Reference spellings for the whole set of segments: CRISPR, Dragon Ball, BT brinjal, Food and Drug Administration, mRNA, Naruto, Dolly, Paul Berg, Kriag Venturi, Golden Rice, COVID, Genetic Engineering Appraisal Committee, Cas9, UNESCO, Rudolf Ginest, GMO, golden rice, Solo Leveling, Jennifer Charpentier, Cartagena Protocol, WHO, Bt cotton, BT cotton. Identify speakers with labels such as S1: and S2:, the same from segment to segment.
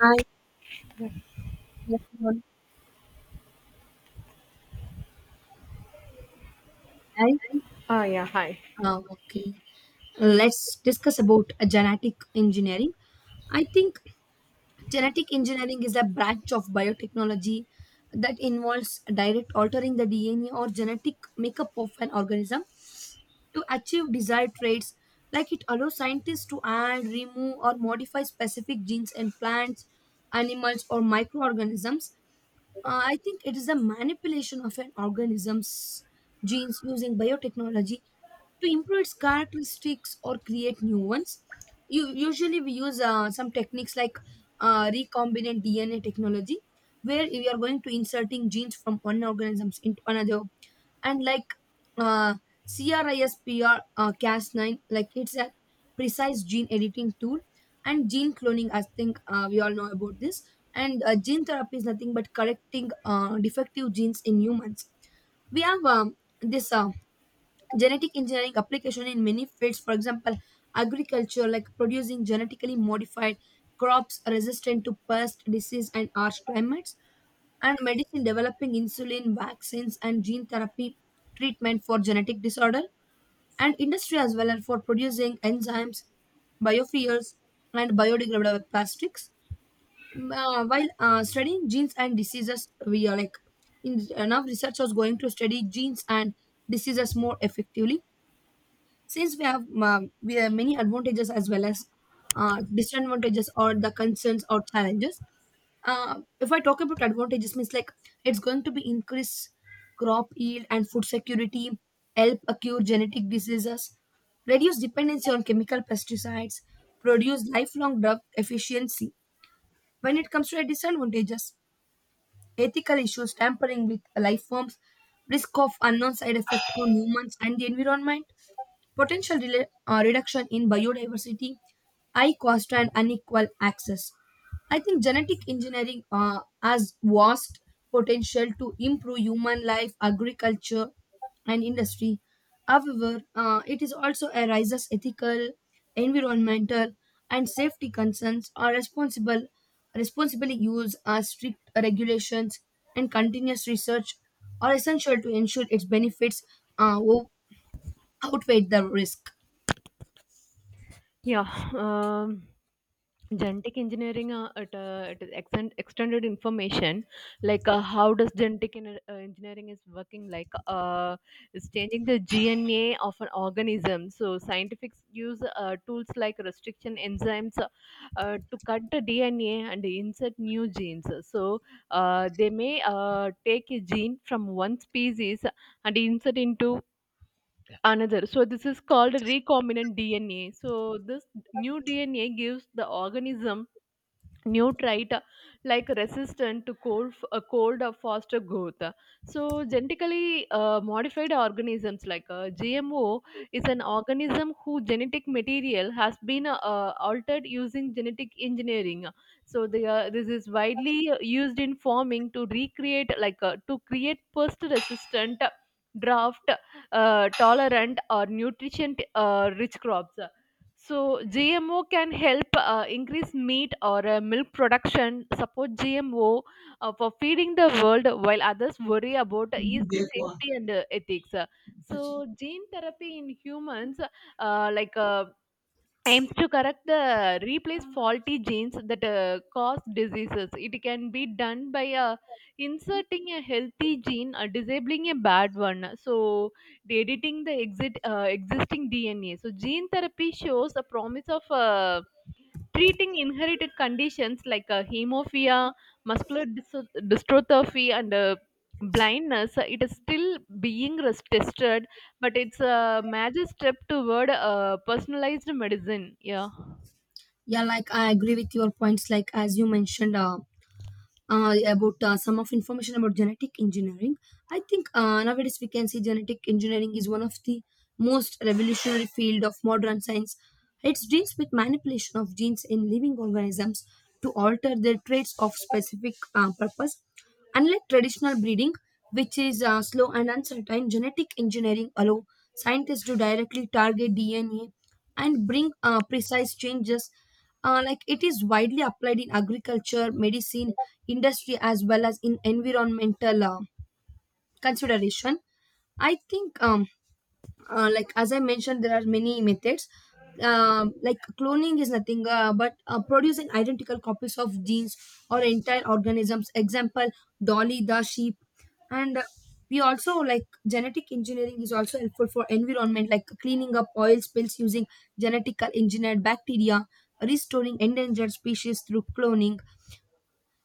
S1: Hi, good afternoon. Hi.
S2: Ah, yeah, hi.
S1: Okay, let's discuss about genetic engineering. I think genetic engineering is a branch of biotechnology that involves direct altering the DNA or genetic makeup of an organism to achieve desired traits. Like it allows scientists to add, remove, or modify specific genes in plants, animals, or microorganisms. I think it is a manipulation of an organism's genes using biotechnology to improve its characteristics or create new ones. You, usually, we use some techniques like recombinant DNA technology, where we are going to inserting genes from one organisms into another, and like uh, CRISPR Cas9, like it's a precise gene editing tool, and gene cloning. I think we all know about this. And gene therapy is nothing but correcting defective genes in humans. We have this genetic engineering application in many fields, for example agriculture, like producing genetically modified crops resistant to pest disease and harsh climates, and medicine developing insulin vaccines and gene therapy treatment for genetic disorder, and industry as well, and for producing enzymes, biofuels, and biodegradable plastics. While studying genes and diseases, we are like in enough researchers going to study genes and diseases more effectively. Since we have many advantages as well as disadvantages or the concerns or challenges. If I talk about advantages means, like it's going to be increase crop yield and food security, help cure genetic diseases, reduce dependency on chemical pesticides, produce lifelong drug efficiency. When it comes to the disadvantages, ethical issues, tampering with life forms, risk of unknown side effect on humans and the environment, potential reduction in biodiversity, high cost and unequal access. I think genetic engineering has vast potential to improve human life, agriculture, and industry. However, it is also arises ethical, environmental, and safety concerns are responsible Responsible use, strict regulations, and continuous research are essential to ensure its benefits uh, o- outweigh the risk.
S2: Yeah, um, Genetic engineering at it is extended information like how does genetic engineering is working like it's changing the DNA of an organism. So scientists use tools like restriction enzymes to cut the DNA and insert new genes. So they may take a gene from one species and insert into another. So this is called recombinant DNA. So this new DNA gives the organism nutrite like resistant to cold or faster growth. So genetically modified organisms like GMO is an organism whose genetic material has been altered using genetic engineering. So this is widely used in farming to recreate like to create pest resistant, drought tolerant, or nutrition rich crops. So GMO can help increase meat or milk production, support GMO for feeding the world, while others worry about its safety and ethics. So gene therapy in humans, uh, like uh, aims to correct the replace faulty genes that cause diseases. It can be done by inserting a healthy gene or disabling a bad one. So the editing the existing DNA. So gene therapy shows a promise of. Treating inherited conditions like hemophilia, dystrophy, and blindness. It is still being tested, but it's a major step toward personalized medicine. Yeah.
S1: Yeah, like I agree with your points. Like as you mentioned, about some of information about genetic engineering. I think nowadays we can see genetic engineering is one of the most revolutionary field of modern science. It deals with manipulation of genes in living organisms to alter their traits of specific purpose. Unlike traditional breeding, which is slow and uncertain, genetic engineering allow scientists to directly target DNA and bring precise changes. Like it is widely applied in agriculture, medicine, industry, as well as in environmental consideration. I think like as I mentioned, there are many methods, like cloning is nothing but producing identical copies of genes or entire organisms, example Dolly the sheep. And we also, like genetic engineering is also helpful for environment, like cleaning up oil spills using genetically engineered bacteria, restoring endangered species through cloning,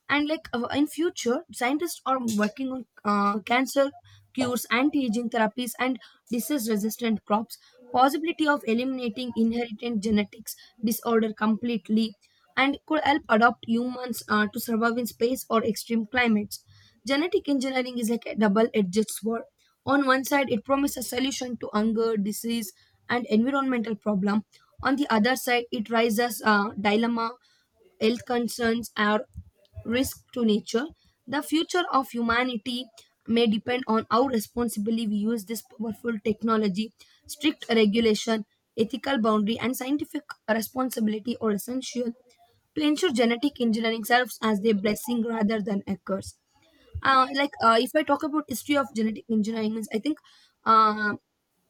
S1: and like in future scientists are working on cancer cures, anti-aging therapies, and disease resistant crops, possibility of eliminating inherited genetics disorder completely, and could help adopt humans to survive in space or extreme climates. Genetic engineering is like a double-edged sword. On one side, it promises solution to hunger, disease, and environmental problem. On the other side, it raises a dilemma, health concerns are risk to nature. The future of humanity may depend on how responsibly we use this powerful technology. Strict regulation, ethical boundary, and scientific responsibility are essential to ensure genetic engineering serves as a blessing rather than a curse. Like if I talk about history of genetic engineering, means I think uh,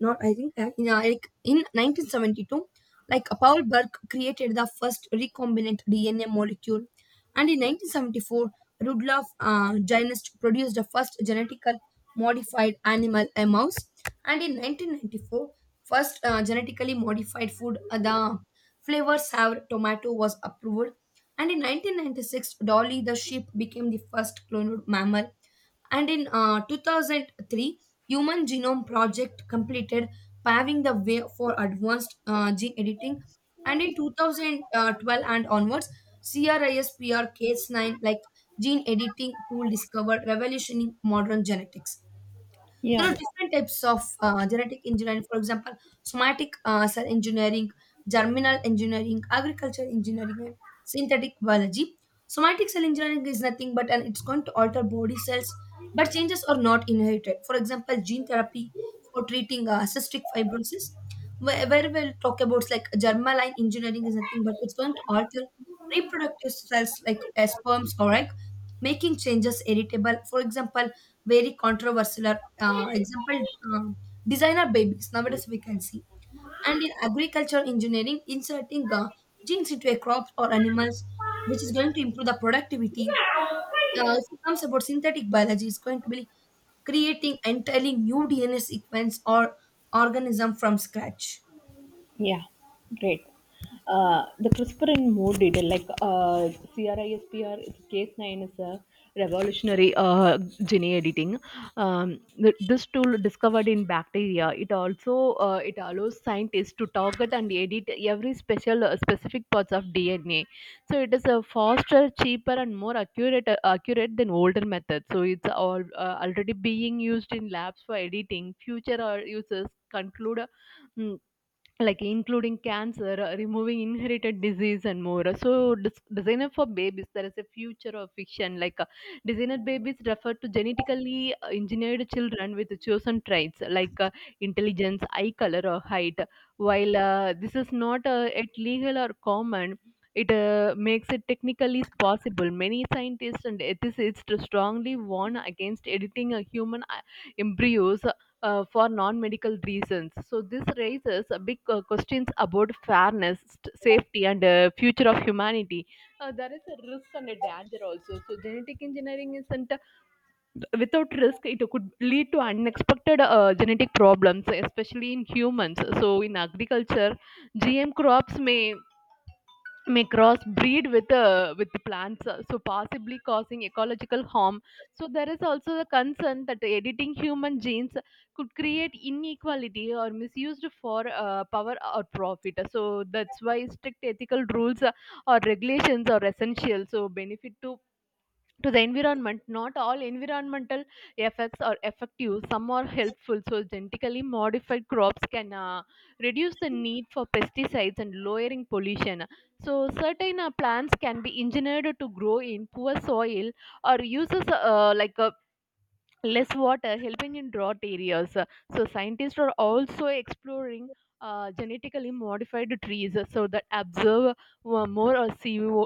S1: not I think in, like in 1972, like Paul Burke created the first recombinant DNA molecule, and in 1974, Rudolf Ginest produced the first genetically modified animal, a mouse, and in 1994, first genetically modified food, the flavor sour tomato was approved, and in 1996, Dolly the sheep became the first cloned mammal, and in 2003, human genome project completed, paving the way for advanced gene editing, and in 2012 and onwards, crispr-cas9 like gene editing tool discovered, revolutioning modern genetics. There
S2: Yeah.
S1: are different types of genetic engineering, for example somatic cell engineering, germinal engineering, agriculture engineering, and synthetic biology. Somatic cell engineering is nothing but and it's going to alter body cells, but changes are not inherited, for example gene therapy for treating cystic fibrosis, where we'll talk about, like germline engineering is nothing but it's going to alter reproductive cells like sperms or egg, making changes heritable, for example very controversial example, designer babies nowadays we can see. And in agriculture engineering, inserting genes into a crop or animals, which is going to improve the productivity. If it comes about synthetic biology, it's going to be creating entirely new DNA sequence or organism from scratch.
S2: Yeah, great. The CRISPR in more detail, like CRISPR, it's Cas9 is a revolutionary gene editing. This tool discovered in bacteria. It also it allows scientists to target and edit every special specific parts of DNA. So it is a faster, cheaper, and more accurate than older methods. So it's all already being used in labs for editing. Future users conclude. mm, like including cancer, removing inherited disease, and more. So designer for babies, there is a future of fiction. Designer babies refer to genetically engineered children with chosen traits like intelligence, eye color, or height. While this is not yet legal or common, it makes it technically possible. Many scientists and ethicists strongly warn against editing a human embryos for non-medical reasons. So this raises a big questions about fairness, safety, and future of humanity. There is a risk and a danger also. So genetic engineering isn't without risk. It could lead to unexpected genetic problems, especially in humans. So in agriculture, GM crops may crossbreed with the plants, so possibly causing ecological harm. So there is also the concern that editing human genes could create inequality or misused for power or profit. So that's why strict ethical rules or regulations are essential. So benefit to the environment, not all environmental effects are effective, some are helpful. So genetically modified crops can reduce the need for pesticides and lowering pollution. So certain plants can be engineered to grow in poor soil or uses less water, helping in drought areas. So scientists are also exploring genetically modified trees so that absorb more CO,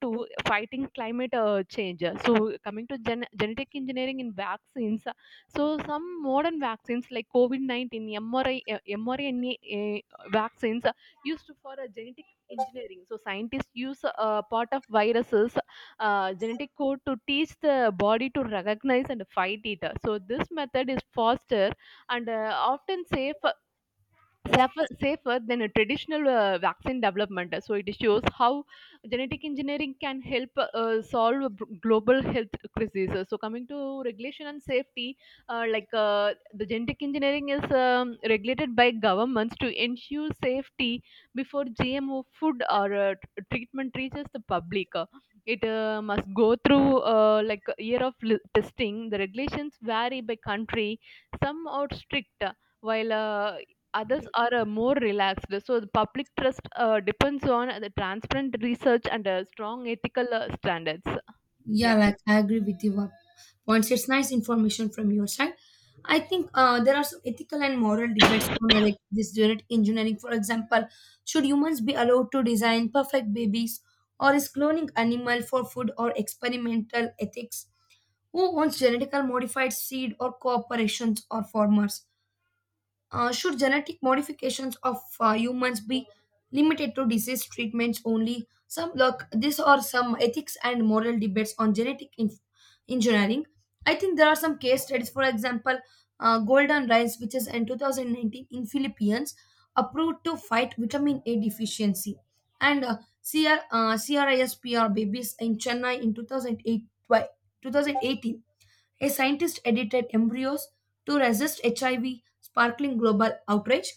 S2: 2, fighting climate change. So coming to genetic engineering in vaccines, so some modern vaccines like COVID 19, MRI, mRNA vaccines used for genetic engineering. So scientists use part of viruses genetic code to teach the body to recognize and fight it. So this method is faster and often safer than a traditional vaccine development. So it shows how genetic engineering can help solve a global health crises. So coming to regulation and safety, the genetic engineering is regulated by governments to ensure safety before GMO food or treatment reaches the public. It must go through like a year of testing. The regulations vary by country. Some are strict, while others are more relaxed. So the public trust depends on the transparent research and strong ethical standards.
S1: Yeah, like I agree with you points. It's nice information from your side. I think there are some ethical and moral debates on like this genetic engineering. For example, should humans be allowed to design perfect babies, or is cloning animal for food or experimental ethics? Who owns genetically modified seed, or corporations or farmers? Should genetic modifications of humans be limited to disease treatments only? Some look, these are some ethics and moral debates on engineering. I think there are some case studies, for example, Golden Rice, which is in 2019 in Philippines, approved to fight vitamin A deficiency, and CRISPR babies in Chennai in 2008, 2018, a scientist edited embryos to resist HIV, sparkling global outrage.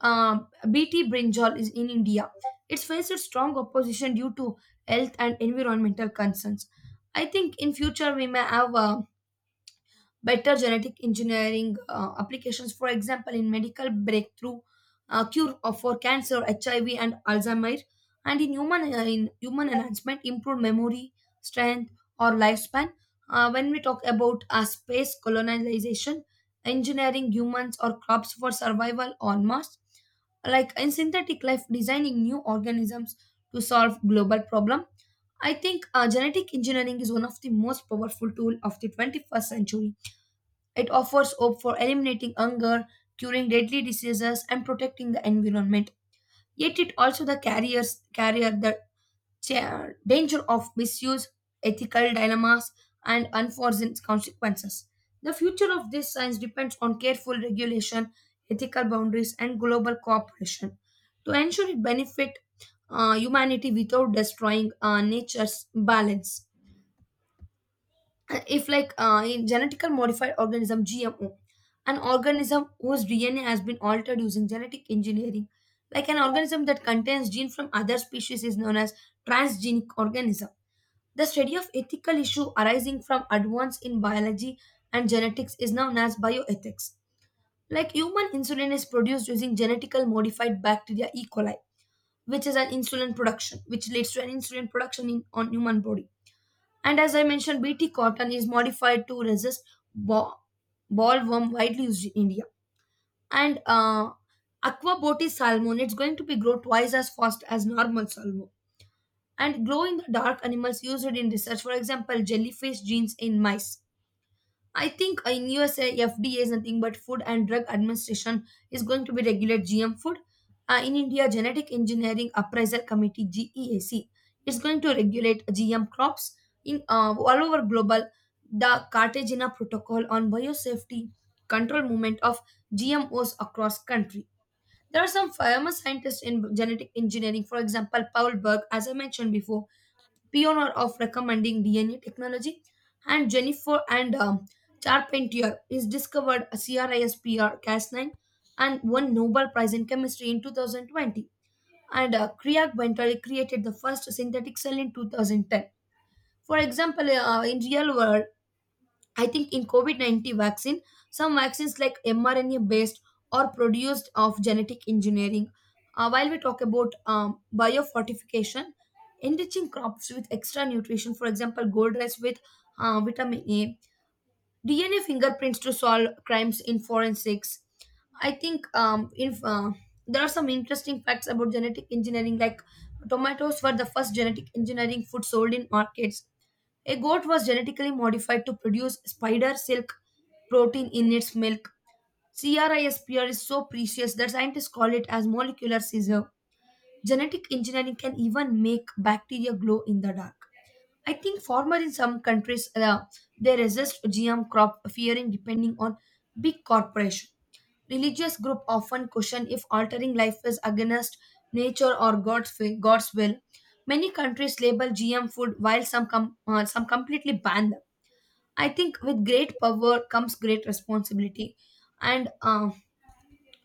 S1: BT brinjal is in India. It's faced a strong opposition due to health and environmental concerns. I think in future we may have better genetic engineering applications, for example, in medical breakthrough cure for cancer, HIV, and Alzheimer's, and in human enhancement, improved memory, strength, or lifespan. When we talk about space colonization, engineering humans or crops for survival on Mars, like in synthetic life, designing new organisms to solve global problem. I think genetic engineering is one of the most powerful tool of the 21st century. It offers hope for eliminating hunger, curing deadly diseases, and protecting the environment. Yet it also the carriers carrier the cha- danger of misuse, ethical dilemmas, and unforeseen consequences. The future of this science depends on careful regulation, ethical boundaries, and global cooperation to ensure it benefit humanity without destroying nature's balance. If like in genetical modified organism, GMO, an organism whose DNA has been altered using genetic engineering, like an organism that contains gene from other species is known as transgenic organism. The study of ethical issue arising from advance in biology and genetics is known as bioethics. Like human insulin is produced using genetically modified bacteria E coli, which is an insulin production, which leads to an insulin production in on human body. And as I mentioned, BT cotton is modified to resist bo- ballworm, widely used in India. And aquaboti salmon, it's going to be grow twice as fast as normal salmon. And glow in the dark animals used in research, for example, jellyfish genes in mice. I think in USA, FDA is nothing but Food and Drug Administration, is going to be regulate GM food. In India, Genetic Engineering Appraisal Committee (GEAC) is going to regulate GM crops. In all over global, the Cartagena Protocol on biosafety control movement of GMOs across country. There are some famous scientists in genetic engineering, for example, Paul Berg, as I mentioned before, pioneer of recommending DNA technology, and Jennifer and Charpentier is discovered CRISPR Cas9 and won Nobel Prize in Chemistry in 2020. And Kriag Venturi created the first synthetic cell in 2010. For example, in real world, I think in COVID-19 vaccine, some vaccines like mRNA based or produced of genetic engineering. While we talk about biofortification, enriching crops with extra nutrition, for example, gold rice with vitamin A, DNA fingerprints to solve crimes in forensics. I think if there are some interesting facts about genetic engineering, like tomatoes were the first genetic engineering food sold in markets. A goat was genetically modified to produce spider silk protein in its milk. CRISPR is so precious that scientists call it as molecular scissor. Genetic engineering can even make bacteria glow in the dark. I think farmers in some countries they resist GM crop, fearing depending on big corporation. Religious group often question if altering life is against nature or God's will. God's will. Many countries label GM food while some completely ban them. I think with great power comes great responsibility, and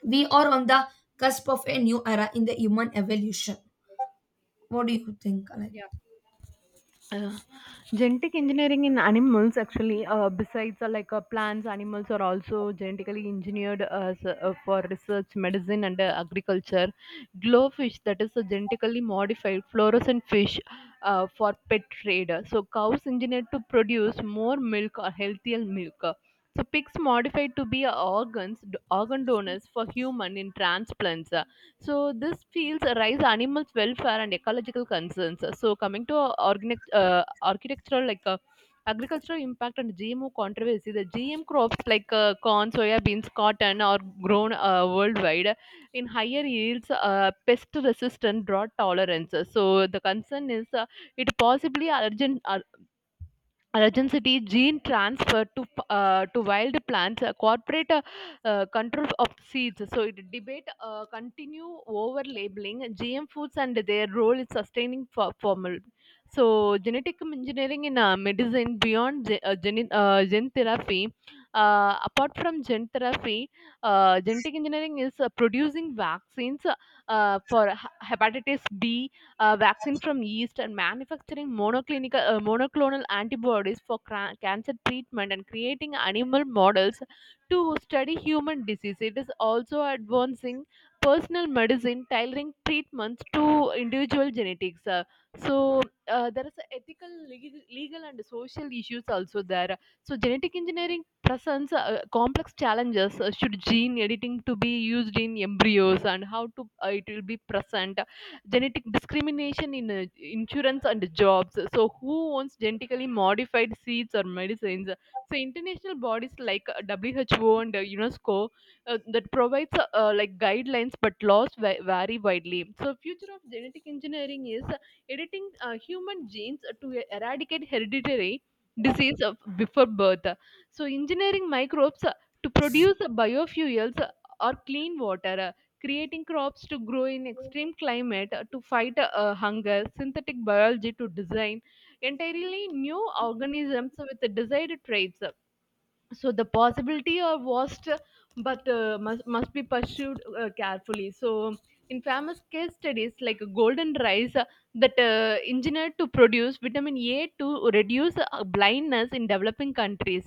S1: we are on the cusp of a new era in the human evolution. What do you think? Like,
S2: Yeah. Uh, Genetic engineering in animals actually besides like plants, animals are also genetically engineered for research, medicine, and agriculture. Glowfish, that is a genetically modified fluorescent fish for pet trade. So cows engineered to produce more milk or healthier milk. So pigs modified to be organ donors for human in transplants. So this fields raise animals' welfare and ecological concerns. So coming to organic, architectural like agricultural impact and GMO controversy, the GM crops like corn, soya beans, cotton are grown worldwide in higher yields, pest resistant, drought tolerance. So the concern is it possibly urgent, Regency gene transfer to wild plants, corporate control of seeds. So it debate continue over labeling GM foods and their role in sustaining for formal. So genetic engineering in medicine beyond gene therapy. Apart from gene therapy, genetic engineering is producing vaccines for hepatitis B vaccine from yeast, and manufacturing monoclonal antibodies for cancer treatment, and creating animal models to study human disease. It is also advancing personal medicine, tailoring treatments to individual genetics. So there is a ethical, legal, and social issues also there. So genetic engineering presents complex challenges. Should gene editing to be used in embryos, and how to it will be present? Genetic discrimination in insurance and jobs. So who owns genetically modified seeds or medicines? So international bodies like WHO and UNESCO that provides guidelines, but laws vary widely. So future of genetic engineering is editing human genes to eradicate hereditary disease of before birth. So engineering microbes to produce biofuels or clean water, creating crops to grow in extreme climate to fight hunger, synthetic biology to design entirely new organisms with desired traits. So the possibility are vast, but must be pursued carefully. So in famous case studies like golden rice that engineered to produce vitamin A to reduce blindness in developing countries.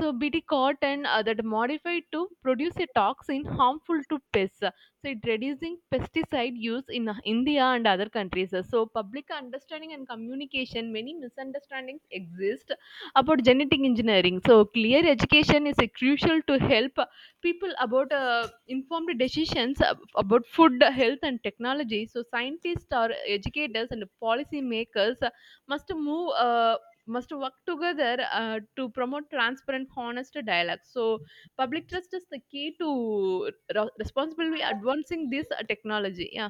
S2: So BT cotton that modified to produce a toxin harmful to pests, so it reducing pesticide use in India and other countries. So public understanding and communication, many misunderstandings exist about genetic engineering. So clear education is crucial to help people about informed decisions about food, health, and technology. So scientists or educators and policy makers must move uh, must work together to promote transparent, honest dialogue. So public trust is the key to responsibly advancing this technology. Yeah.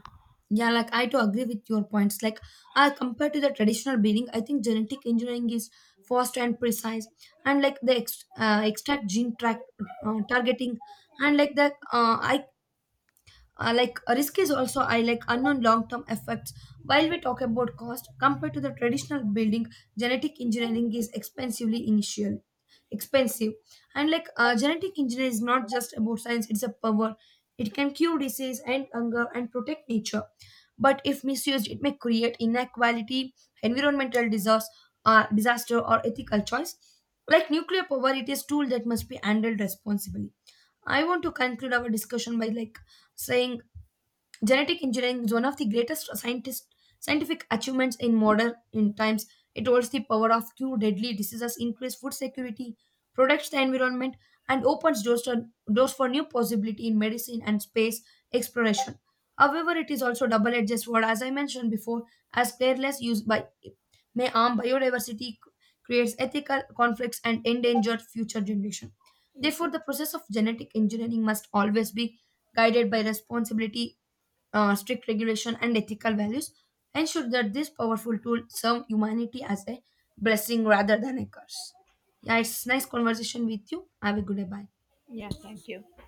S1: yeah, like I to agree with your points. Like, compared to the traditional breeding, I think genetic engineering is fast and precise, and like the extract gene track targeting, and like the I like risk is also I like unknown long term effects. While we talk about cost compared to the traditional building, genetic engineering is expensively initial expensive. And like genetic engineering is not just about science, it's a power. It can cure disease and hunger and protect nature, but if misused it may create inequality, environmental disaster, disaster or ethical choice. Like nuclear power, it is tool that must be handled responsibly. I want to conclude our discussion by like saying, genetic engineering is one of the greatest scientific achievements in modern in times. It holds the power of cure deadly diseases, increase food security, protects the environment, and opens doors for new possibility in medicine and space exploration. However, it is also double-edged sword, as I mentioned before, as careless use by may harm biodiversity, creates ethical conflicts, and endanger future generation. Therefore, the process of genetic engineering must always be guided by responsibility, strict regulation, and ethical values, ensure that this powerful tool serve humanity as a blessing rather than a curse. Yeah, it's nice conversation with you. Have a good day. Bye.
S2: Thank you.